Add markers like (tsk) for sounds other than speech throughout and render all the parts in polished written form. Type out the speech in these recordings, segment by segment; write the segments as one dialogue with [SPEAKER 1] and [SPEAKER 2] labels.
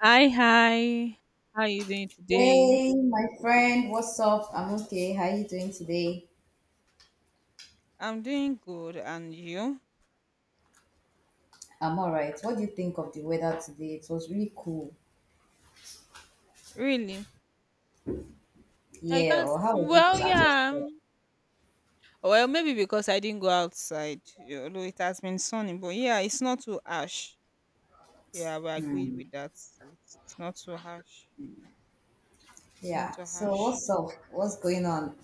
[SPEAKER 1] Hi, hi. How are you doing today?
[SPEAKER 2] Hey, my friend, what's up? I'm okay. How are you doing today?
[SPEAKER 1] I'm doing good, and you?
[SPEAKER 2] I'm all right. What do you think of the weather today? It was really cool.
[SPEAKER 1] Really? I
[SPEAKER 2] Yeah,
[SPEAKER 1] can't.
[SPEAKER 2] or how was it
[SPEAKER 1] Well,
[SPEAKER 2] at your
[SPEAKER 1] yeah.
[SPEAKER 2] side?
[SPEAKER 1] Well, maybe because I didn't go outside, yeah, although it has been sunny. But yeah, it's not too harsh. Yeah, but I agree with that. It's not too harsh. It's not
[SPEAKER 2] Yeah.
[SPEAKER 1] too
[SPEAKER 2] So
[SPEAKER 1] harsh.
[SPEAKER 2] what's up? What's going on?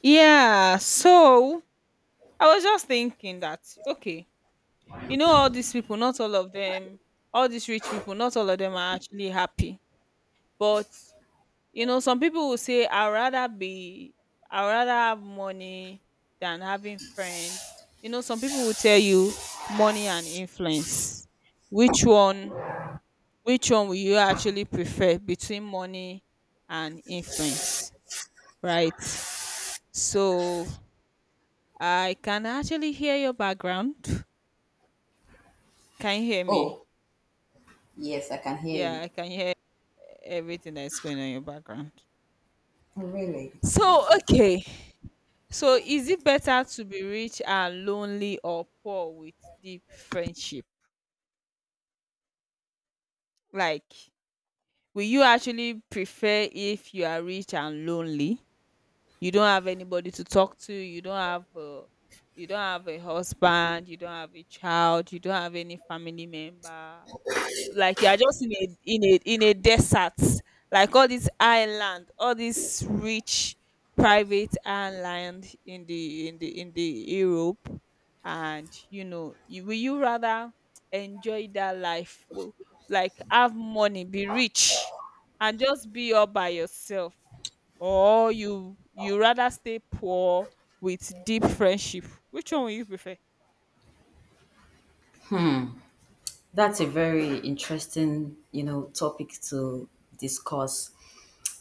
[SPEAKER 1] Yeah. So I was just thinking that okay, you know, all these people, not all of them, all these rich people, not all of them are actually happy, but you know, some people will say, I'd rather have money than having friends. You know, some people will tell you money and influence. Which one, which one will you actually prefer between money and influence? Right? So I can actually hear your background. Can you hear me?
[SPEAKER 2] Oh, yes, I can hear
[SPEAKER 1] Yeah,
[SPEAKER 2] you.
[SPEAKER 1] I can hear everything that's going on in your background.
[SPEAKER 2] Oh, really?
[SPEAKER 1] So, okay. So is it better to be rich and lonely or poor with deep friendship? Like, will you actually prefer if you are rich and lonely? You don't have anybody to talk to, you don't have a husband, you don't have a child, you don't have any family member, like you are just in a desert, like all this island, all this rich private island in the europe. And will you rather enjoy that life, like have money, be rich, and just be all by yourself? Or you rather stay poor with deep friendship? Which one will you prefer?
[SPEAKER 2] Hmm, that's a very interesting topic to discuss.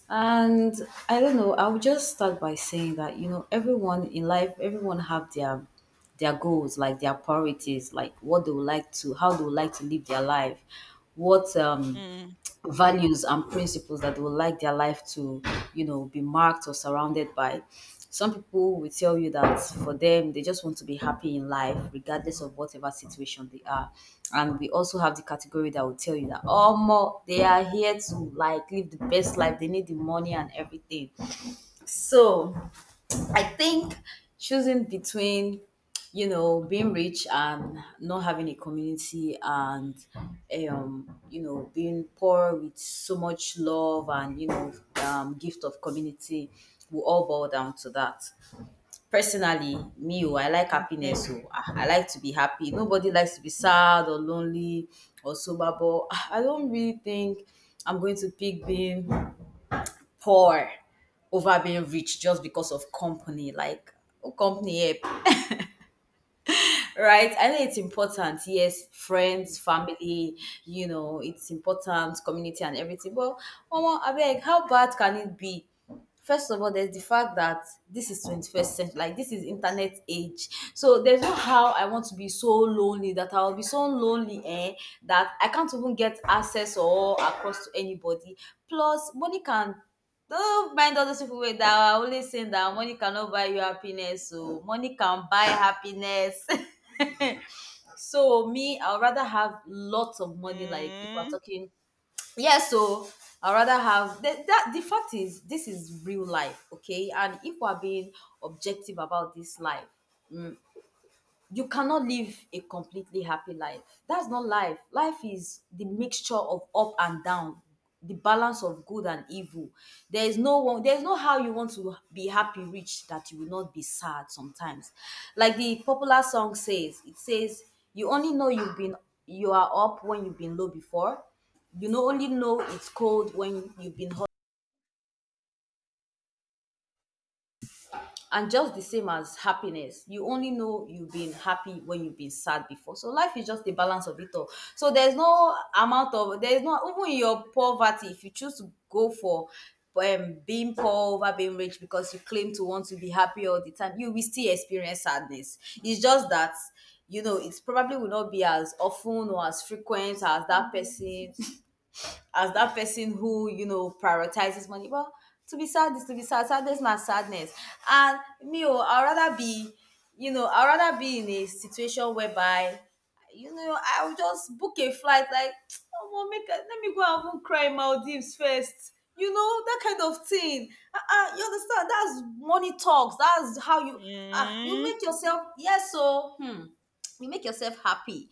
[SPEAKER 2] And I don't know, I'll just start by saying that everyone in life, everyone have their goals, like their priorities, like what they would like to, how they would like to live their life, what
[SPEAKER 1] mm,
[SPEAKER 2] values and principles that they would like their life to be marked or surrounded by. Some people will tell you that for them, they just want to be happy in life, regardless of whatever situation they are. And we also have the category that will tell you that, oh, more, they are here to like live the best life, they need the money and everything. So, I think choosing between being rich and not having a community and, being poor with so much love and, gift of community will all boil down to that. Personally, me, oh, I like
[SPEAKER 1] okay.
[SPEAKER 2] happiness. Oh, I like to be happy. Nobody likes to be sad or lonely or sober, but I don't really think I'm going to pick being poor over being rich just because of company. Like, oh, company, here? Right? I know it's important. Yes,
[SPEAKER 1] mm,
[SPEAKER 2] friends, family, it's important, community and everything. But Omo, abeg, how bad can it be? First of all, there's the fact that this is 21st century, like this is internet age. So there's no how I want to be so lonely that I'll be so lonely, eh, that I can't even get access or across to anybody. Plus, money can don't mind all those people wey that are always saying that money cannot buy you happiness. So money can buy happiness. (laughs) So me, I'd rather have lots of money. Like if we're
[SPEAKER 1] mm,
[SPEAKER 2] talking, yeah. So I'd rather have that. The fact is, this is real life, okay. And if we're being objective about this life, you cannot live a completely happy life. That's not life. Life is the mixture of up and down, the balance of good and evil. There is no how you want to be happy rich that you will not be sad sometimes. Like the popular song says, it says, you only know you are up when you've been low before. You know only know it's cold when you've been hot, and just the same as happiness, you only know you've been happy when you've been sad before. So life is just the balance of it all. So there's no, even in your poverty, if you choose to go for being poor over being rich because you claim to want to be happy all the time, you will still experience sadness. It's just that it probably will not be as often or as frequent as that person who prioritizes money. Well, to be sad is to be sad. Sadness na sadness. And me, oh, I'd rather be in a situation whereby I'll just book a flight. Like, (tsk) oh, well, let me go and even cry in Maldives first. You know that kind of thing. You understand? That's money talks. That's how you
[SPEAKER 1] mm.
[SPEAKER 2] make yourself, yes, so you make yourself happy.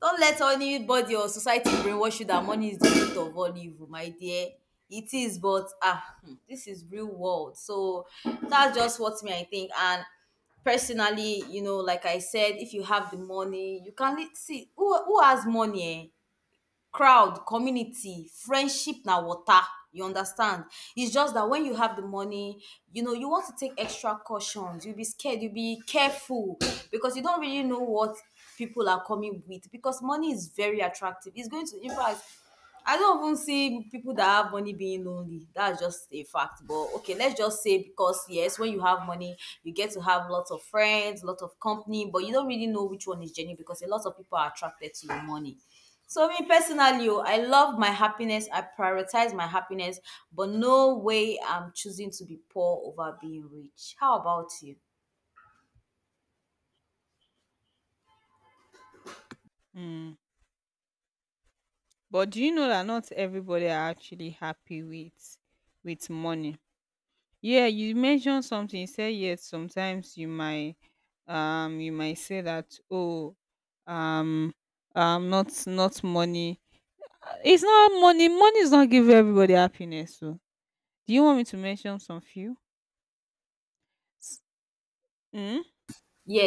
[SPEAKER 2] Don't let anybody or society brainwash you that money is the root of all evil, my dear. It is, but this is real world. So that's just what me I think. And personally like I said, if you have the money, you can see who has money. Eh? Crowd, community, friendship na water. You understand? It's just that when you have the money you want to take extra cautions. You'll be scared, you'll be careful because you don't really know what people are coming with because money is very attractive. In fact, I don't even see people that have money being lonely. That's just a fact. But okay, let's just say, because yes, when you have money, you get to have lots of friends, lot of company, but you don't really know which one is genuine because a lot of people are attracted to your money. So me personally, oh, I love my happiness. I prioritize my happiness, but no way I'm choosing to be poor over being rich. How about you?
[SPEAKER 1] Mm. But do you know that not everybody are actually happy with money? Yeah, you mentioned something. You said yes, sometimes you might say that um not money. It's not money. Money is not give everybody happiness. So do you want me to mention some few? S- Mm?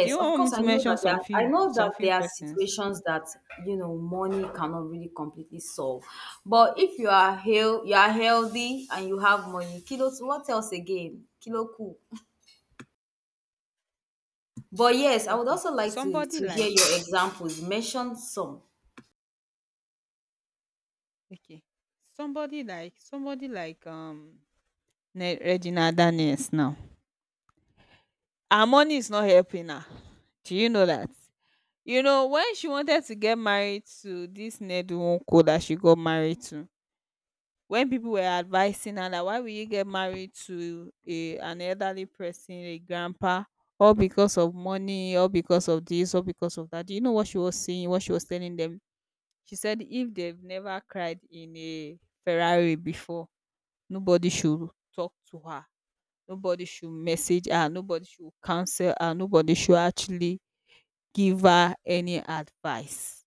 [SPEAKER 1] Do you
[SPEAKER 2] of
[SPEAKER 1] want me
[SPEAKER 2] course.
[SPEAKER 1] to mention
[SPEAKER 2] I know
[SPEAKER 1] some
[SPEAKER 2] that
[SPEAKER 1] few
[SPEAKER 2] there are
[SPEAKER 1] persons?
[SPEAKER 2] situations that money cannot really completely solve. But if you are you are healthy and you have money. Kilos. What else again? Kilo cool. But yes, I would
[SPEAKER 1] Okay.
[SPEAKER 2] also like to
[SPEAKER 1] Somebody
[SPEAKER 2] to hear
[SPEAKER 1] like
[SPEAKER 2] your examples. Mention some.
[SPEAKER 1] okay. Somebody like Ne- Regina Daniels now. Her money is not helping her. Do you know that? You know, when she wanted to get married to this Nedu that she got married to, when people were advising her that why will you get married to an elderly person, a grandpa, all because of money, all because of this, all because of that. Do you know what she was saying, what she was telling them? She said if they've never cried in a Ferrari before, nobody should talk to her. Nobody should message her, nobody should counsel her, nobody should actually give her any advice.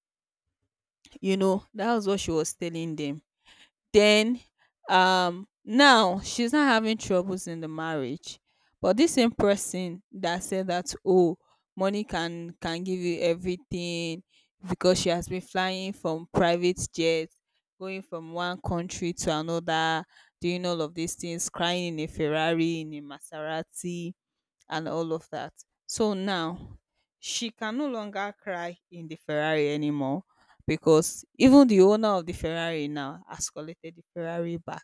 [SPEAKER 1] You know, that was what she was telling them. Then now she's not having troubles in the marriage. But this same person that said that oh money can give you everything, because she has been flying from private jets, going from one country to another, doing all of these things, crying in a Ferrari, in a Maserati, and all of that. So now she can no longer cry in the Ferrari anymore because even the owner of the Ferrari now has collected the Ferrari back.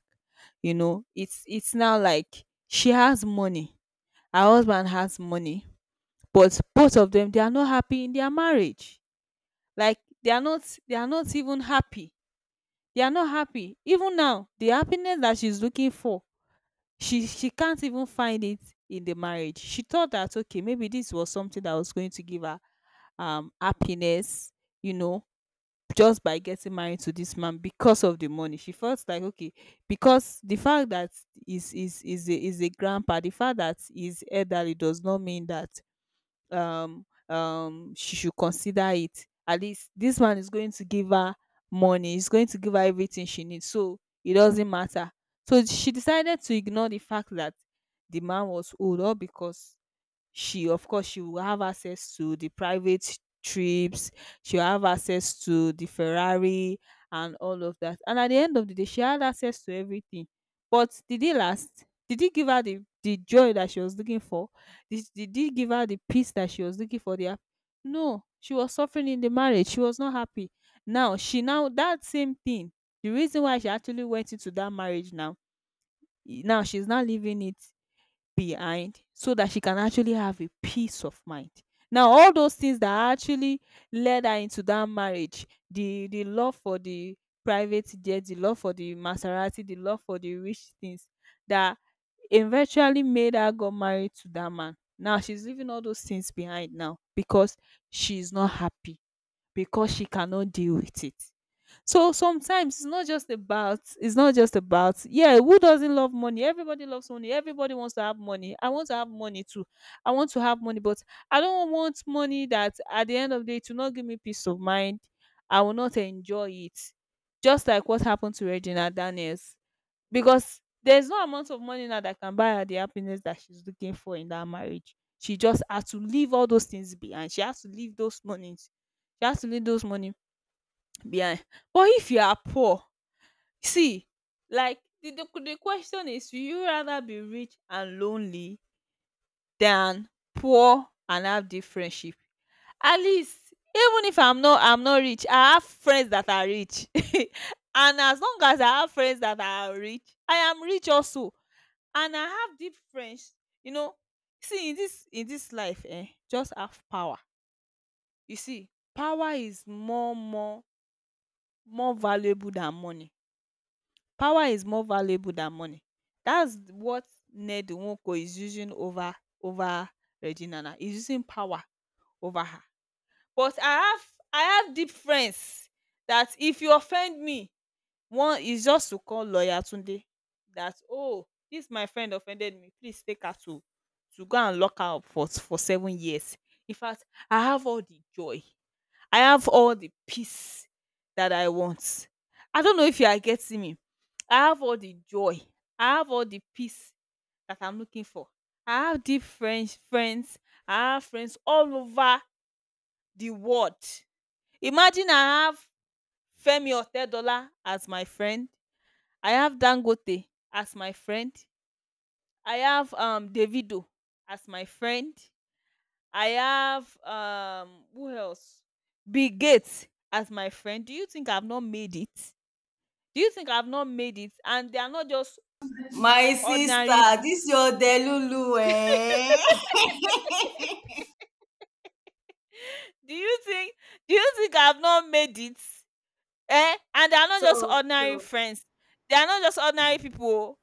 [SPEAKER 1] You know, it's now like she has money, her husband has money, but both of them, they are not happy in their marriage. Like they are not they are not even happy. They are not happy. Even now, the happiness that she's looking for, she can't even find it in the marriage. She thought that okay, maybe this was something that was going to give her happiness, you know, just by getting married to this man. Because of the money, she felt like okay, because the fact that is a grandpa, the fact that he's elderly does not mean that she should consider it. At least this man is going to give her money, he's going to give her everything she needs, so it doesn't matter. So she decided to ignore the fact that the man was old, all because she, of course, she will have access to the private trips, she'll have access to the ferrari and all of that. And at the end of the day, she had access to everything. But did it last? Did it give her the joy that she was looking for? Did it give her the peace that she was looking for? The no, she was suffering in the marriage, she was not happy. Now that same thing, the reason why she actually went into that marriage, now now she's not living it behind so that she can actually have a peace of mind. Now all those things that actually led her into that marriage, the love for the private jet, the love for the maserati, the love for the rich things that eventually made her got married to that man, now she's leaving all those things behind, now because she's not happy, because she cannot deal with it. So sometimes it's not just about, yeah, who doesn't love money? Everybody loves money. Everybody wants to have money. I want to have money too. I want to have money, but I don't want money that at the end of the day it will not give me peace of mind. I will not enjoy it. Just like what happened to Regina Daniels. Because there's no amount of money now that can buy her the happiness that she's looking for in that marriage. She just had to leave all those things behind. She has to leave those monies. She has to leave those money behind. But if you are poor, see, like the question is, will you rather be rich and lonely than poor and have deep friendship? At least, even if I'm not rich, I have friends that are rich, (laughs) and as long as I have friends that are rich, I am rich also, and I have deep friends. You know, see, in this life, eh, just have power. You see, power is more valuable than money. Power is more valuable than money. That's what Ned Nwoko is using over over Regina now. He's using power over her. But I have deep friends that if you offend me, one is just to call lawyer Tunde that oh, this my friend offended me, please take her to go and lock her up for 7 years. In fact, I have all the joy. I have all the peace that I want. I don't know if you are getting me. I have all the joy. I have all the peace that I'm looking for. I have deep friends. I have friends all over the world. Imagine I have Femi Otedola as my friend. I have Dangote as my friend. I have Davido as my friend. I have who else? Bill Gates as my friend. Do you think I've not made it? Do you think I've not made it? And they are not just
[SPEAKER 2] My sister,
[SPEAKER 1] ordinary
[SPEAKER 2] this your Delulu, eh?
[SPEAKER 1] Do you think, I've not made it? Eh? And they are not just
[SPEAKER 2] So,
[SPEAKER 1] ordinary
[SPEAKER 2] so,
[SPEAKER 1] friends. They are not just ordinary people, oh.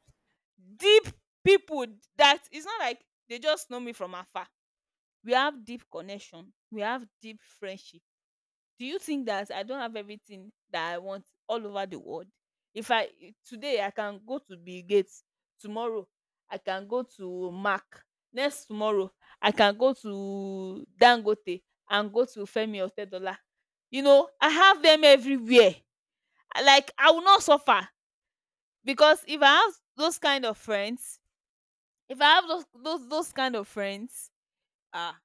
[SPEAKER 1] Deep people, that it's not like they just know me from afar. We have deep connection. We have deep friendship. Do you think that I don't have everything that I want all over the world? If I Today I can go to Bill Gates, tomorrow I can go to Mark, next tomorrow I can go to Dangote and go to Femi Otedola. You know, I have them everywhere. Like, I will not suffer because if I have those kind of friends, if I have those kind of friends, ah,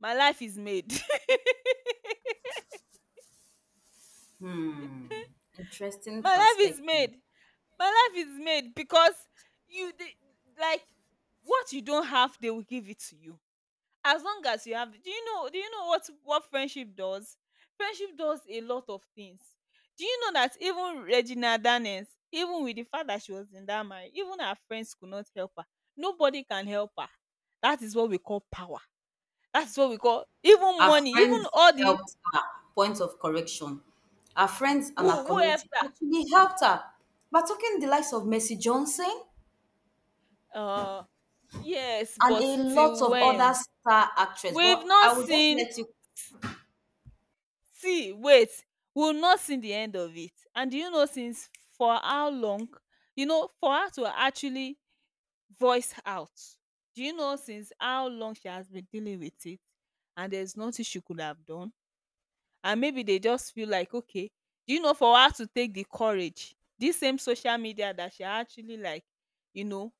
[SPEAKER 1] my life is made. (laughs)
[SPEAKER 2] hmm, interesting
[SPEAKER 1] My life is
[SPEAKER 2] perspective.
[SPEAKER 1] made. My life is made because you the like, what you don't have, they will give it to you. As long as you have, do you know what friendship does? Friendship does a lot of things. Do you know that even Regina Danes, even with the fact that she was in that marriage, even her friends could not help her. Nobody can help her. That is what we call power. That's what we call even
[SPEAKER 2] Our
[SPEAKER 1] money, even
[SPEAKER 2] friends
[SPEAKER 1] all the,
[SPEAKER 2] helped her. Point of correction. Our friends and our
[SPEAKER 1] who helped
[SPEAKER 2] community actually helped her by taking the likes of Mercy Johnson
[SPEAKER 1] her. Uh, yes,
[SPEAKER 2] and
[SPEAKER 1] but
[SPEAKER 2] a lot
[SPEAKER 1] till
[SPEAKER 2] of other
[SPEAKER 1] when?
[SPEAKER 2] star actress.
[SPEAKER 1] We've
[SPEAKER 2] But
[SPEAKER 1] not
[SPEAKER 2] I will just
[SPEAKER 1] seen.
[SPEAKER 2] let you.
[SPEAKER 1] See, wait, we'll not see the end of it. And do you know since, for how long? You know, for her to actually voice out. Do you know since how long she has been dealing with it? And there's nothing she could have done. And maybe they just feel like, okay, do you know for her to take the courage? This same social media that she actually, like, you know,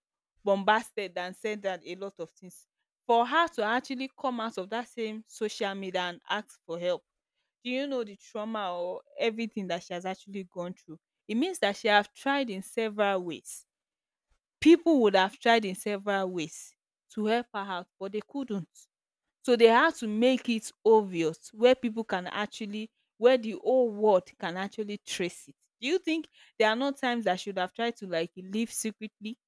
[SPEAKER 1] bombasted and said that a lot of things. For her to actually come out of that same social media and ask for help, do you know the trauma or everything that she has actually gone through? It means that she have tried in several ways. People would have tried in several ways to help her out, but they couldn't. So they had to make it obvious where people can actually, where the whole world can actually trace it. Do you think there are not times that she would have tried to like live secretly,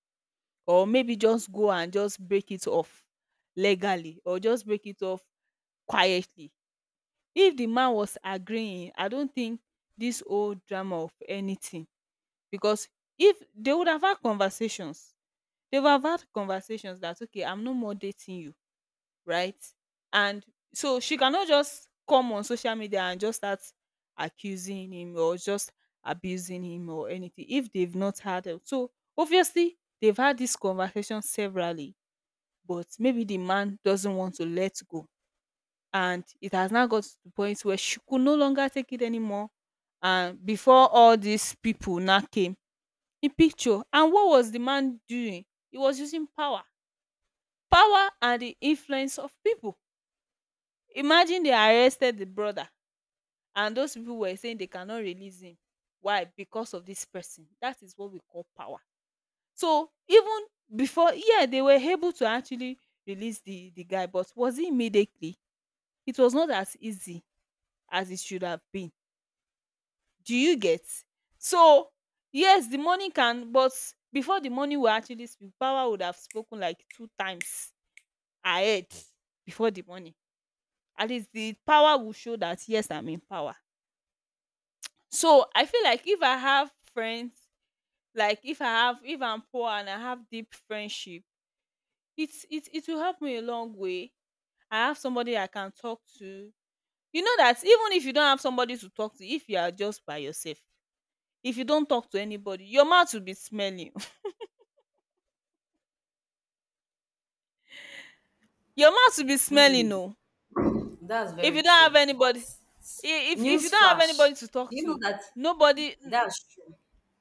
[SPEAKER 1] or maybe just go and just break it off legally, or just break it off quietly? If the man was agreeing, I don't think this whole drama of anything, because if they would have had conversations, they would have had conversations that okay, I'm no more dating you, right? And so she cannot just come on social media and just start accusing him or just abusing him or anything if they've not had it. So obviously they've had this conversation severally, but maybe the man doesn't want to let go, and it has now got to the point where she could no longer take it anymore. And before all these people now came in picture, and what was the man doing? He was using power, power and the influence of people. Imagine they arrested the brother, and those people were saying they cannot release him. Why? Because of this person. That is what we call power. So even before, yeah, they were able to actually release the guy, but was it immediately? It was not as easy as it should have been. Do you get? So yes, the money can, but before the money will actually speak, power would have spoken like two times ahead, before the money. At least the power will show that yes, I'm in power. So I feel like if I have friends, like if I have, if I'm poor and I have deep friendship, it will help me a long way. I have somebody I can talk to. You know that even if you don't have somebody to talk to, if you are just by yourself, if you don't talk to anybody, your mouth will be smelling. Your mouth will be smelling, no?
[SPEAKER 2] That's
[SPEAKER 1] If you
[SPEAKER 2] very
[SPEAKER 1] don't have
[SPEAKER 2] true. But
[SPEAKER 1] anybody, if you
[SPEAKER 2] news
[SPEAKER 1] don't have
[SPEAKER 2] flash.
[SPEAKER 1] anybody to talk
[SPEAKER 2] Do you know
[SPEAKER 1] to,
[SPEAKER 2] that
[SPEAKER 1] nobody.
[SPEAKER 2] that's true?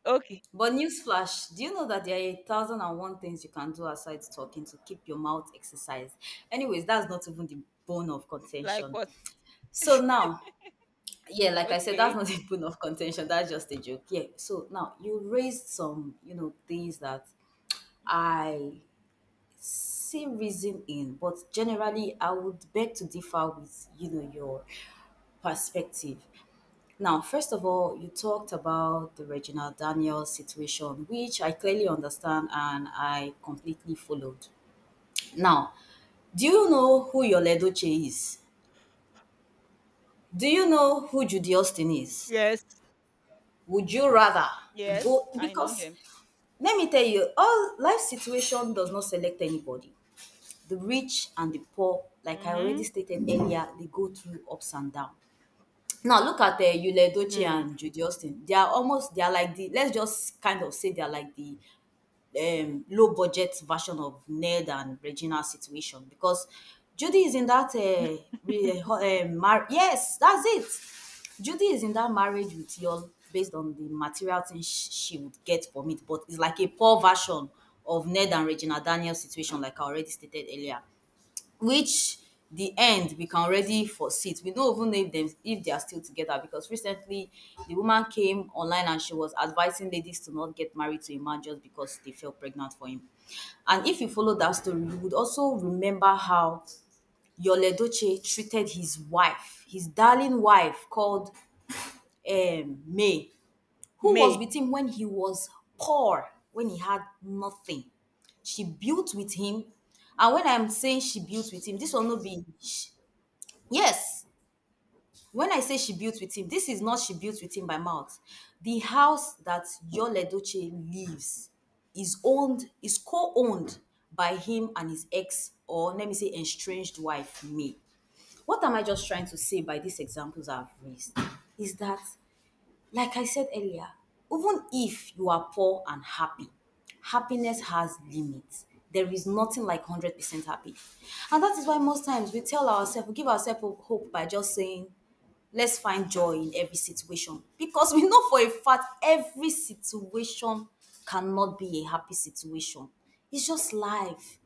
[SPEAKER 1] Okay.
[SPEAKER 2] But newsflash, do you know that there are a thousand and one things you can do aside talking to keep your mouth exercised? Anyways, that's not even the bone of
[SPEAKER 1] Like
[SPEAKER 2] contention.
[SPEAKER 1] what?
[SPEAKER 2] So now, yeah, like I said, that's
[SPEAKER 1] Okay.
[SPEAKER 2] not (laughs) the bone of contention. That's just a joke. Yeah. So now you raised some things that I see reason in, but generally I would beg to differ with your perspective. Now, first of all, you talked about the Reginald Daniels situation, which I clearly understand and I completely followed. Now, do you know who your Ledoche is? Do you know who Judy Austin is?
[SPEAKER 1] Yes.
[SPEAKER 2] Would you rather
[SPEAKER 1] Yes.
[SPEAKER 2] go?
[SPEAKER 1] I know
[SPEAKER 2] Because
[SPEAKER 1] them.
[SPEAKER 2] let me tell you, all life situation does not select anybody. The rich and the poor, like I already
[SPEAKER 1] Mhm.
[SPEAKER 2] stated earlier, they go through ups and downs. Now look at Yul Edochie
[SPEAKER 1] Mm.
[SPEAKER 2] and Judy Austin. They are almost, they are like the let's just kind of say, they are like the low budget version of Ned and Regina situation, because Judy is in that yes, that's it. Judy is in that marriage with Yul based on the material things she would get from it, but it's like a poor version of Ned and Regina Daniels situation, like I already stated earlier. Which, the end we can already foresee it. We don't even know if they are still together because recently the woman came online and she was advising ladies to not get married to a man just because they felt pregnant for him. And if you follow that story, you would also remember how Yul Edochie treated his wife, his darling wife called May, who was
[SPEAKER 1] May.
[SPEAKER 2] with him when he was poor, when he had nothing. She built with him. And when I'm saying she built with him, this will not be. Sh- yes, when I say she built with him, this is not she built with him by mouth. The house that Yole Doche lives is co owned by him and his ex, or let me say, estranged wife, me. What am I just trying to say by these examples I've raised? Is that like I said earlier, even if you are poor and happy, happiness has limits. There is nothing like 100% happy. And that is why most times we tell ourselves, we give ourselves hope by just saying, let's find joy in every situation. Because we know for a fact every situation cannot be a happy situation. It's just life.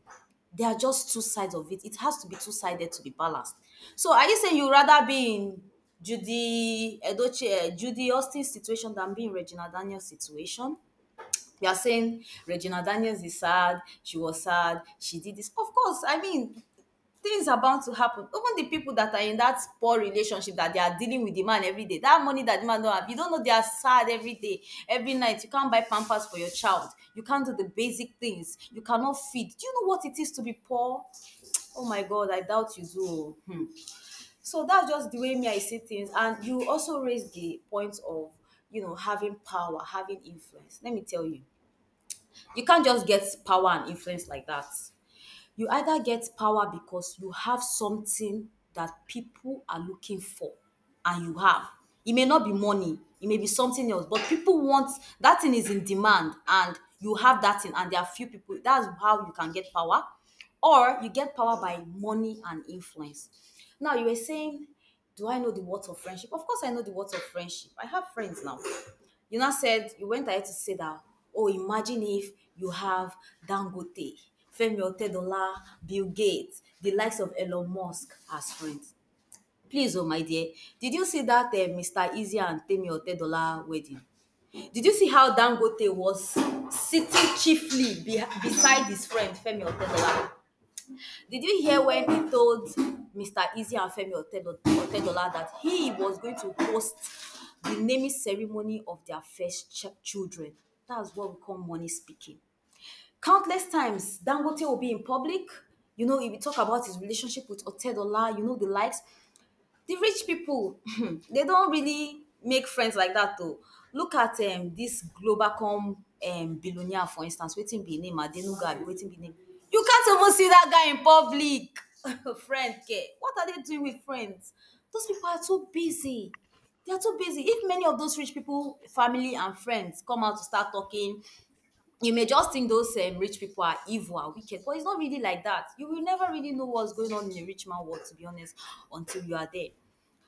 [SPEAKER 2] There are just two sides of it. It has to be two sided to be balanced. So are you saying you rather be in Judy Edochie, eh, Judy Austin's situation than being Regina Daniels' situation? You are saying Regina Daniels is sad, she was sad, she did this. Of course, I mean, things are bound to happen. Even the people that are in that poor relationship, that they are dealing with the man every day, that money that the man don't have, you don't know they are sad every day, every night. You can't buy pampers for your child. You can't do the basic things. You cannot feed. Do you know what it is to be poor? Oh my God, I doubt you do. Hmm. So that's just the way me I see things. And you also raised the point of having power, having influence. Let me tell you can't just get power and influence like that. You either get power because you have something that people are looking for and you have. It may not be money, it may be something else, but people want that thing is in demand and you have that thing and there are few people. That's how you can get power. Or you get power by money and influence. Now you were saying, do I know the words of friendship? Of course I know the words of friendship. I have friends now. You now said you went ahead to say that, oh, imagine if you have Dangote, Femi Otedola, Bill Gates, the likes of Elon Musk as friends. Please, oh my dear, did you see that Mr. Easy and Femi Otedola wedding? Did you see how Dangote was sitting chiefly be beside his friend Femi Otedola? Did you hear when he told Mr. Easy and Otedola that he was going to host the naming ceremony of their first children? That's what we call money speaking. Countless times, Dangote will be in public. You know, if we talk about his relationship with Otedola, you know, the likes, the rich people (laughs) (clears throat) they don't really make friends like that though. Look at this Globacom billionaire, for instance. Wetin be him name? Adenuga abi wetin be im name? You can't even see that guy in public. (laughs) Friend ke, what are they doing with friends? Those people are too busy. They are too busy. If many of those rich people family and friends come out to start talking, you may just think those rich people are evil and wicked, but it's not really like that. You will never really know what's going on in a rich man world, to be honest, until you are there.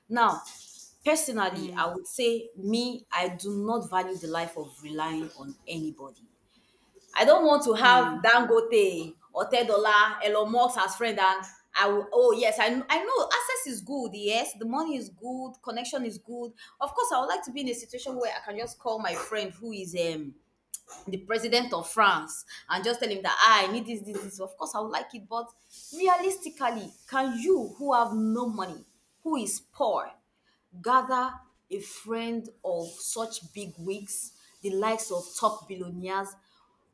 [SPEAKER 2] Now, personally,
[SPEAKER 1] Mm.
[SPEAKER 2] I would say me, I do not value the life of relying on anybody. I don't want to have
[SPEAKER 1] Mm.
[SPEAKER 2] Dangote or Tedola, Elon Musk as friend, and I will. Oh yes, I know access is good. Yes, the money is good, connection is good. Of course, I would like to be in a situation where I can just call my friend who is the president of France and just tell him that, "Ah, I need this, this, this." Of course, I would like it, but realistically, can you who have no money, who is poor, gather a friend of such big wigs, the likes of top billionaires?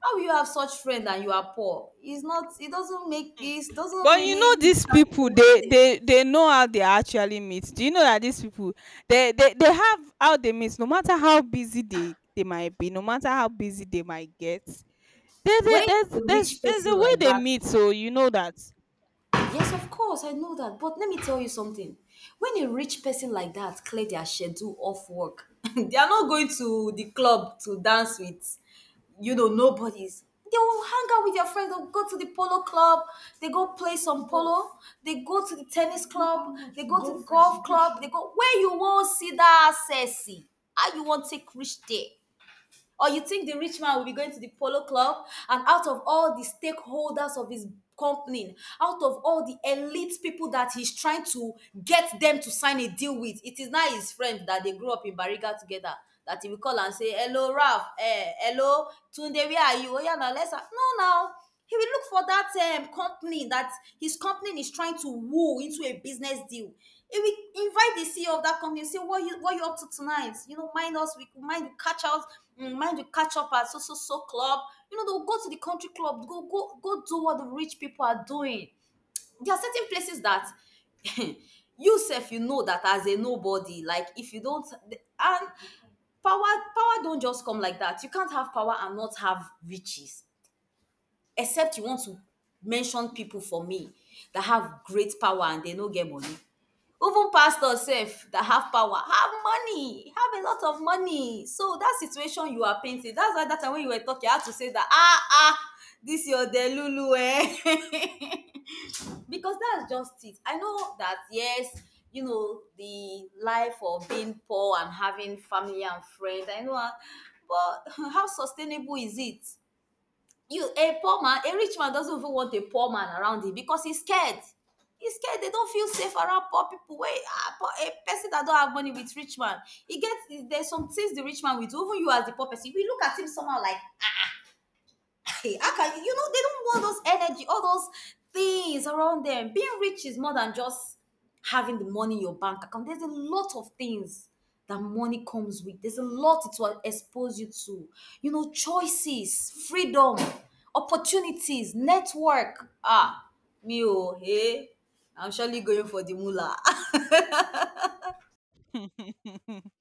[SPEAKER 2] How will you have such friend and you are poor? It's not. It doesn't make. It doesn't
[SPEAKER 1] But you
[SPEAKER 2] really
[SPEAKER 1] know these
[SPEAKER 2] start
[SPEAKER 1] people,
[SPEAKER 2] to
[SPEAKER 1] they
[SPEAKER 2] reason.
[SPEAKER 1] they they know how they actually meet. Do you know that these people, they have how they meet, no matter how busy they might be, no matter how busy they might get. There, there,
[SPEAKER 2] When
[SPEAKER 1] there's,
[SPEAKER 2] a
[SPEAKER 1] there's,
[SPEAKER 2] rich
[SPEAKER 1] there's the
[SPEAKER 2] person like
[SPEAKER 1] way they
[SPEAKER 2] that,
[SPEAKER 1] meet, so you know that.
[SPEAKER 2] yes, of course, I know that. But let me tell you something. When a rich person like that clear their schedule off work, (laughs) they are not going to the club to dance with, you know, nobodies. They will hang out with their friends. They'll go to the polo club, they go play some polo, they go to the tennis club, they go to the golf club, they go where you won't see that sexy. How you wan take reach there? Or you think the rich man will be going to the polo club and out of all the stakeholders of his company, out of all the elite people that he's trying to get them to sign a deal with, it is now his friend that they grew up in Bariga together that he will call and say, "Hello, Ralph, eh, hello, Tunde, where are you? Oh, yeah, now let's. Ha-" No, now. He will look for that company that his company is trying to woo into a business deal. He will invite the CEO of that company and say, "What you up to tonight? You know, mind us. We mind you catch out. Mind you catch up at so so so club." You know, they'll go to the country club. Go go go do what the rich people are doing. There are certain places that (laughs) you self you know that, as a nobody. Like if you don't, and power don't just come like that. You can't have power and not have riches, except you want to mention people for me that have great power and they no get money. Even pastors sef that have power have money, have a lot of money. So that situation you are painting, that's why that time when you were talking I had to say that, ah ah, this your delulu eh? (laughs) Because that's just it. I know that, yes, you know the life of being poor and having family and friends, I know am, but (laughs) how sustainable is it? You a poor man, a rich man doesn't even want a poor man around him because he's scared. He's scared. They don't feel safe around poor people. Wait, ah, poor, a person that don't have money with rich man, he gets, there's some things the rich man will do even you as the poor person we look at him somehow like, hey, how can you? You know, they don't want those energy, all those things around them. Being rich is more than just having the money in your bank account. There's a lot of things that money comes with. There's a
[SPEAKER 1] Mm.
[SPEAKER 2] lot it will expose you to. You know, choices, freedom, opportunities, network. Ah, me oh, hey, I'm surely going for the mullah.
[SPEAKER 1] (laughs)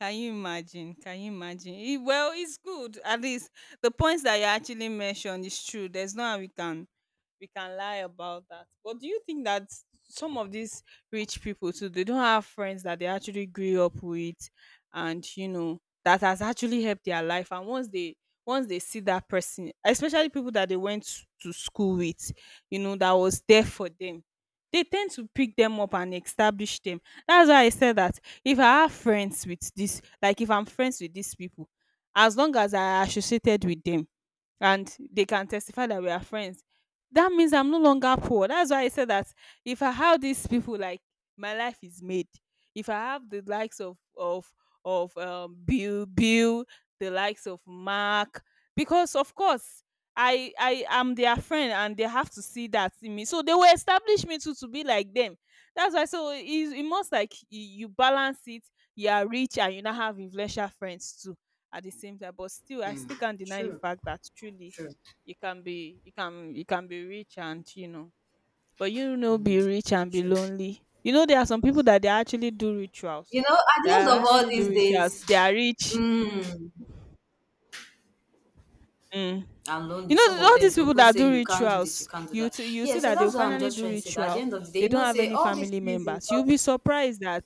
[SPEAKER 1] Can you imagine? Can you imagine? It, well, it's good. At least the points that you actually mentioned is true. There's no how we can, we can lie about that. But do you think that some of these rich people too, they don't have friends that they actually grew up with, and you know, that has actually helped their life, and once they see that person, especially people that they went to school with, you know, that was there for them. They tend to pick them up and establish them. That's why I said that if I have friends with this, like if I'm friends with these people, as long as I associated with them, and they can testify that we are friends, that means I'm no longer poor. That's why I said that if I have these people, like my life is made. If I have the likes of of Bill, the likes of Mark, because of course, I am their friend and they have to see that in me, so they will establish me too to be like them. That's why, so it must, like you balance it. You are rich and you now have influential friends too at the same time. But still, I still can't
[SPEAKER 2] (laughs)
[SPEAKER 1] deny the
[SPEAKER 2] True,
[SPEAKER 1] fact that truly
[SPEAKER 2] true,
[SPEAKER 1] you can be, you can be rich and you know, but you know, be rich and be
[SPEAKER 2] true.
[SPEAKER 1] lonely. You know, there are some people that they actually do rituals,
[SPEAKER 2] You know, at
[SPEAKER 1] they
[SPEAKER 2] the end of
[SPEAKER 1] are
[SPEAKER 2] all
[SPEAKER 1] actually
[SPEAKER 2] these
[SPEAKER 1] do rituals, they
[SPEAKER 2] days,
[SPEAKER 1] are rich.
[SPEAKER 2] mm,
[SPEAKER 1] Mm.
[SPEAKER 2] and
[SPEAKER 1] You
[SPEAKER 2] lonely.
[SPEAKER 1] know,
[SPEAKER 2] Some of
[SPEAKER 1] all
[SPEAKER 2] them
[SPEAKER 1] these
[SPEAKER 2] they
[SPEAKER 1] people
[SPEAKER 2] even
[SPEAKER 1] that
[SPEAKER 2] say
[SPEAKER 1] do
[SPEAKER 2] you can't do this, you
[SPEAKER 1] rituals,
[SPEAKER 2] can't do
[SPEAKER 1] you
[SPEAKER 2] that.
[SPEAKER 1] you
[SPEAKER 2] Yeah,
[SPEAKER 1] see
[SPEAKER 2] so
[SPEAKER 1] that they'll
[SPEAKER 2] that's what I'm
[SPEAKER 1] finally
[SPEAKER 2] just
[SPEAKER 1] do
[SPEAKER 2] trying to say. That at the
[SPEAKER 1] ritual,
[SPEAKER 2] end of the day,
[SPEAKER 1] they
[SPEAKER 2] you
[SPEAKER 1] don't
[SPEAKER 2] know,
[SPEAKER 1] have
[SPEAKER 2] say
[SPEAKER 1] any
[SPEAKER 2] all these
[SPEAKER 1] family
[SPEAKER 2] things is
[SPEAKER 1] members. You'll be
[SPEAKER 2] just,
[SPEAKER 1] surprised that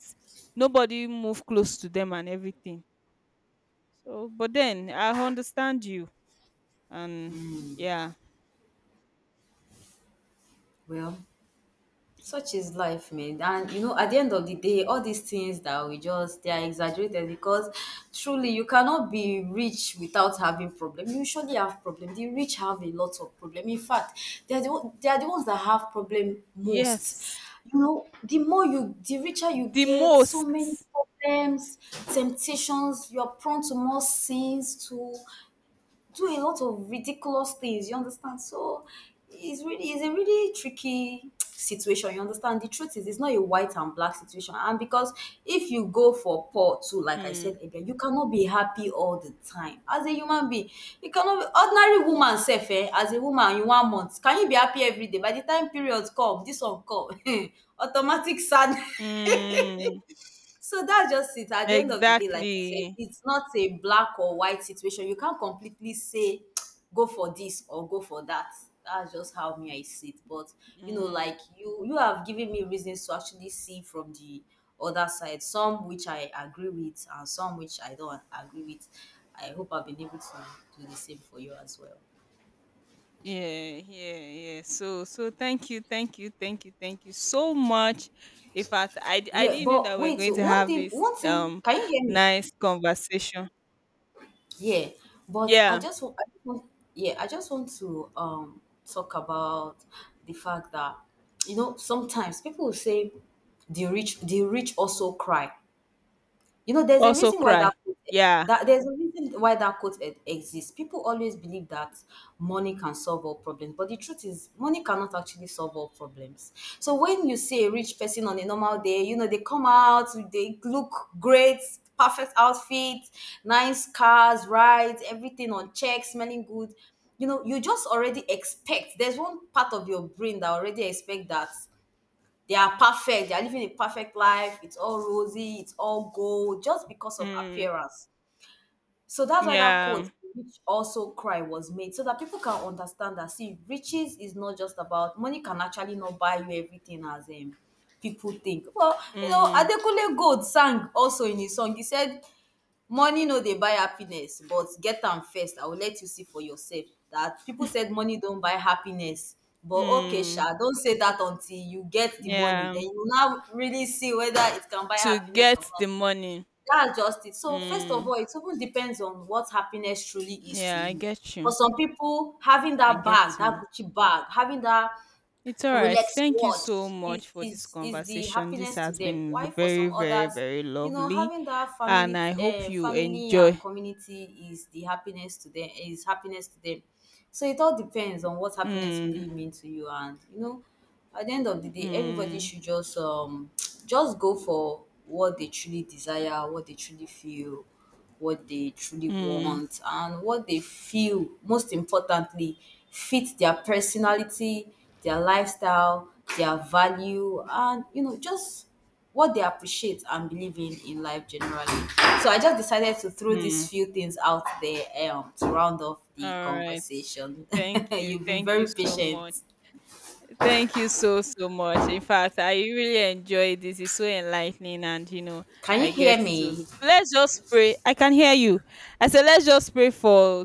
[SPEAKER 1] nobody move close to them and everything. So but then I understand you, and yeah.
[SPEAKER 2] well, such is life, man. And you know, at the end of the day, all these things that we just, they are exaggerated because truly you cannot be rich without having problem. You usually have problem. The rich have a lot of problem. In fact, they are the ones that have problem most.
[SPEAKER 1] Yes.
[SPEAKER 2] You know, the richer you
[SPEAKER 1] The
[SPEAKER 2] get,
[SPEAKER 1] most.
[SPEAKER 2] so many problems, temptations, you're prone to more sins, to do a lot of ridiculous things. You understand? So it's really, it's a really tricky (tsk) situation. You understand? The truth is, it's not a white and black situation. And because if you go for poor too, like I
[SPEAKER 1] Mm,
[SPEAKER 2] said earlier, you cannot be happy all the time as a human being. You cannot be ordinary woman self. Eh, as a woman, you one month can you be happy every day? By the time periods come, this one come, (laughs) automatic sadness.
[SPEAKER 1] mm,
[SPEAKER 2] So that's just it. At the end of the day, like I said,
[SPEAKER 1] exactly.
[SPEAKER 2] it's not a black or white situation. You can't completely say, (tsk) go for this or go for that. That's just how me I see it. But you know,
[SPEAKER 1] Mm,
[SPEAKER 2] like you have given me reasons to actually see from the other side. Some which I agree with, and some which I don't agree with. I hope I've been able to do the same for you as well.
[SPEAKER 1] yeah, yeah, yeah. So, thank you, thank you so much. In fact, I
[SPEAKER 2] Yeah,
[SPEAKER 1] didn't know that
[SPEAKER 2] but
[SPEAKER 1] we're
[SPEAKER 2] wait.
[SPEAKER 1] going
[SPEAKER 2] So
[SPEAKER 1] to
[SPEAKER 2] one
[SPEAKER 1] have
[SPEAKER 2] thing,
[SPEAKER 1] this
[SPEAKER 2] one thing. Can you hear me?
[SPEAKER 1] nice conversation.
[SPEAKER 2] Yeah, but I
[SPEAKER 1] Yeah.
[SPEAKER 2] just want, I just want, yeah, I just want to talk about the fact that, you know, sometimes people will say the rich also cry. You know, there's a
[SPEAKER 1] Also
[SPEAKER 2] reason why that
[SPEAKER 1] cry.
[SPEAKER 2] quote,
[SPEAKER 1] Yeah.
[SPEAKER 2] that there's a reason why that exists. People always believe that money can solve all problems, but the truth is, money cannot actually solve all problems. So when you see a rich person on a normal day, you know they come out, they look great, perfect outfit, nice cars, rides, everything on check, smelling good. You know, you just already expect. There's one part of your brain that already expect that. They are perfect, they are living a perfect life, it's all rosy, it's all gold, just because of
[SPEAKER 1] Mm,
[SPEAKER 2] appearance. So that's why that quote,
[SPEAKER 1] yeah.
[SPEAKER 2] "Rich also cry," was made so that people can understand that, see, riches is not just about money, can actually not buy you everything as people think. Well, you know,
[SPEAKER 1] Mm,
[SPEAKER 2] Adekunle Gold sang also in his song. He said, money no dey buy happiness but get am first I go let you see for yourself. That people said money don't buy happiness, but okay
[SPEAKER 1] mm,
[SPEAKER 2] sha, don't say that until you get the money,
[SPEAKER 1] yeah.
[SPEAKER 2] then you now really see whether it can buy
[SPEAKER 1] To
[SPEAKER 2] happiness
[SPEAKER 1] get
[SPEAKER 2] or
[SPEAKER 1] the
[SPEAKER 2] not.
[SPEAKER 1] money.
[SPEAKER 2] That's just it. So first of all,
[SPEAKER 1] Mm,
[SPEAKER 2] it even depends on what happiness truly is to
[SPEAKER 1] yeah, I
[SPEAKER 2] you.
[SPEAKER 1] get
[SPEAKER 2] For
[SPEAKER 1] you.
[SPEAKER 2] some people, having
[SPEAKER 1] I
[SPEAKER 2] that bag,
[SPEAKER 1] get
[SPEAKER 2] that
[SPEAKER 1] you.
[SPEAKER 2] Gucci bag, having that
[SPEAKER 1] It's all right.
[SPEAKER 2] Rolex
[SPEAKER 1] Thank you
[SPEAKER 2] watch
[SPEAKER 1] so much for this
[SPEAKER 2] is the
[SPEAKER 1] conversation. This
[SPEAKER 2] happiness to
[SPEAKER 1] has
[SPEAKER 2] them.
[SPEAKER 1] been
[SPEAKER 2] Why for
[SPEAKER 1] very,
[SPEAKER 2] some
[SPEAKER 1] very,
[SPEAKER 2] others,
[SPEAKER 1] very
[SPEAKER 2] you know,
[SPEAKER 1] lovely.
[SPEAKER 2] having that
[SPEAKER 1] And
[SPEAKER 2] family
[SPEAKER 1] I hope you
[SPEAKER 2] family and
[SPEAKER 1] enjoy.
[SPEAKER 2] community is the happiness to them, is happiness to them. So it all depends on what happiness
[SPEAKER 1] Mm,
[SPEAKER 2] really means to you, and you know, at the end of the day everybody
[SPEAKER 1] mm,
[SPEAKER 2] should just (tsk) just go for what they truly desire, what they truly feel, what they truly
[SPEAKER 1] mm,
[SPEAKER 2] want, and what they feel, most importantly, fit their personality, their lifestyle, their value, and you know, just what they appreciate and believe in life generally. So I just decided to throw these
[SPEAKER 1] mm.
[SPEAKER 2] few things out there, to round off the
[SPEAKER 1] All right.
[SPEAKER 2] conversation.
[SPEAKER 1] Thank
[SPEAKER 2] (laughs)
[SPEAKER 1] you.
[SPEAKER 2] You've been
[SPEAKER 1] Thank you
[SPEAKER 2] very
[SPEAKER 1] so
[SPEAKER 2] patient.
[SPEAKER 1] much. Thank you so, so much. In fact, I really enjoyed this. It's so enlightening. And, you know,
[SPEAKER 2] Can you
[SPEAKER 1] I get
[SPEAKER 2] hear me?
[SPEAKER 1] to. Let's just pray. I can hear you. I said, let's just pray for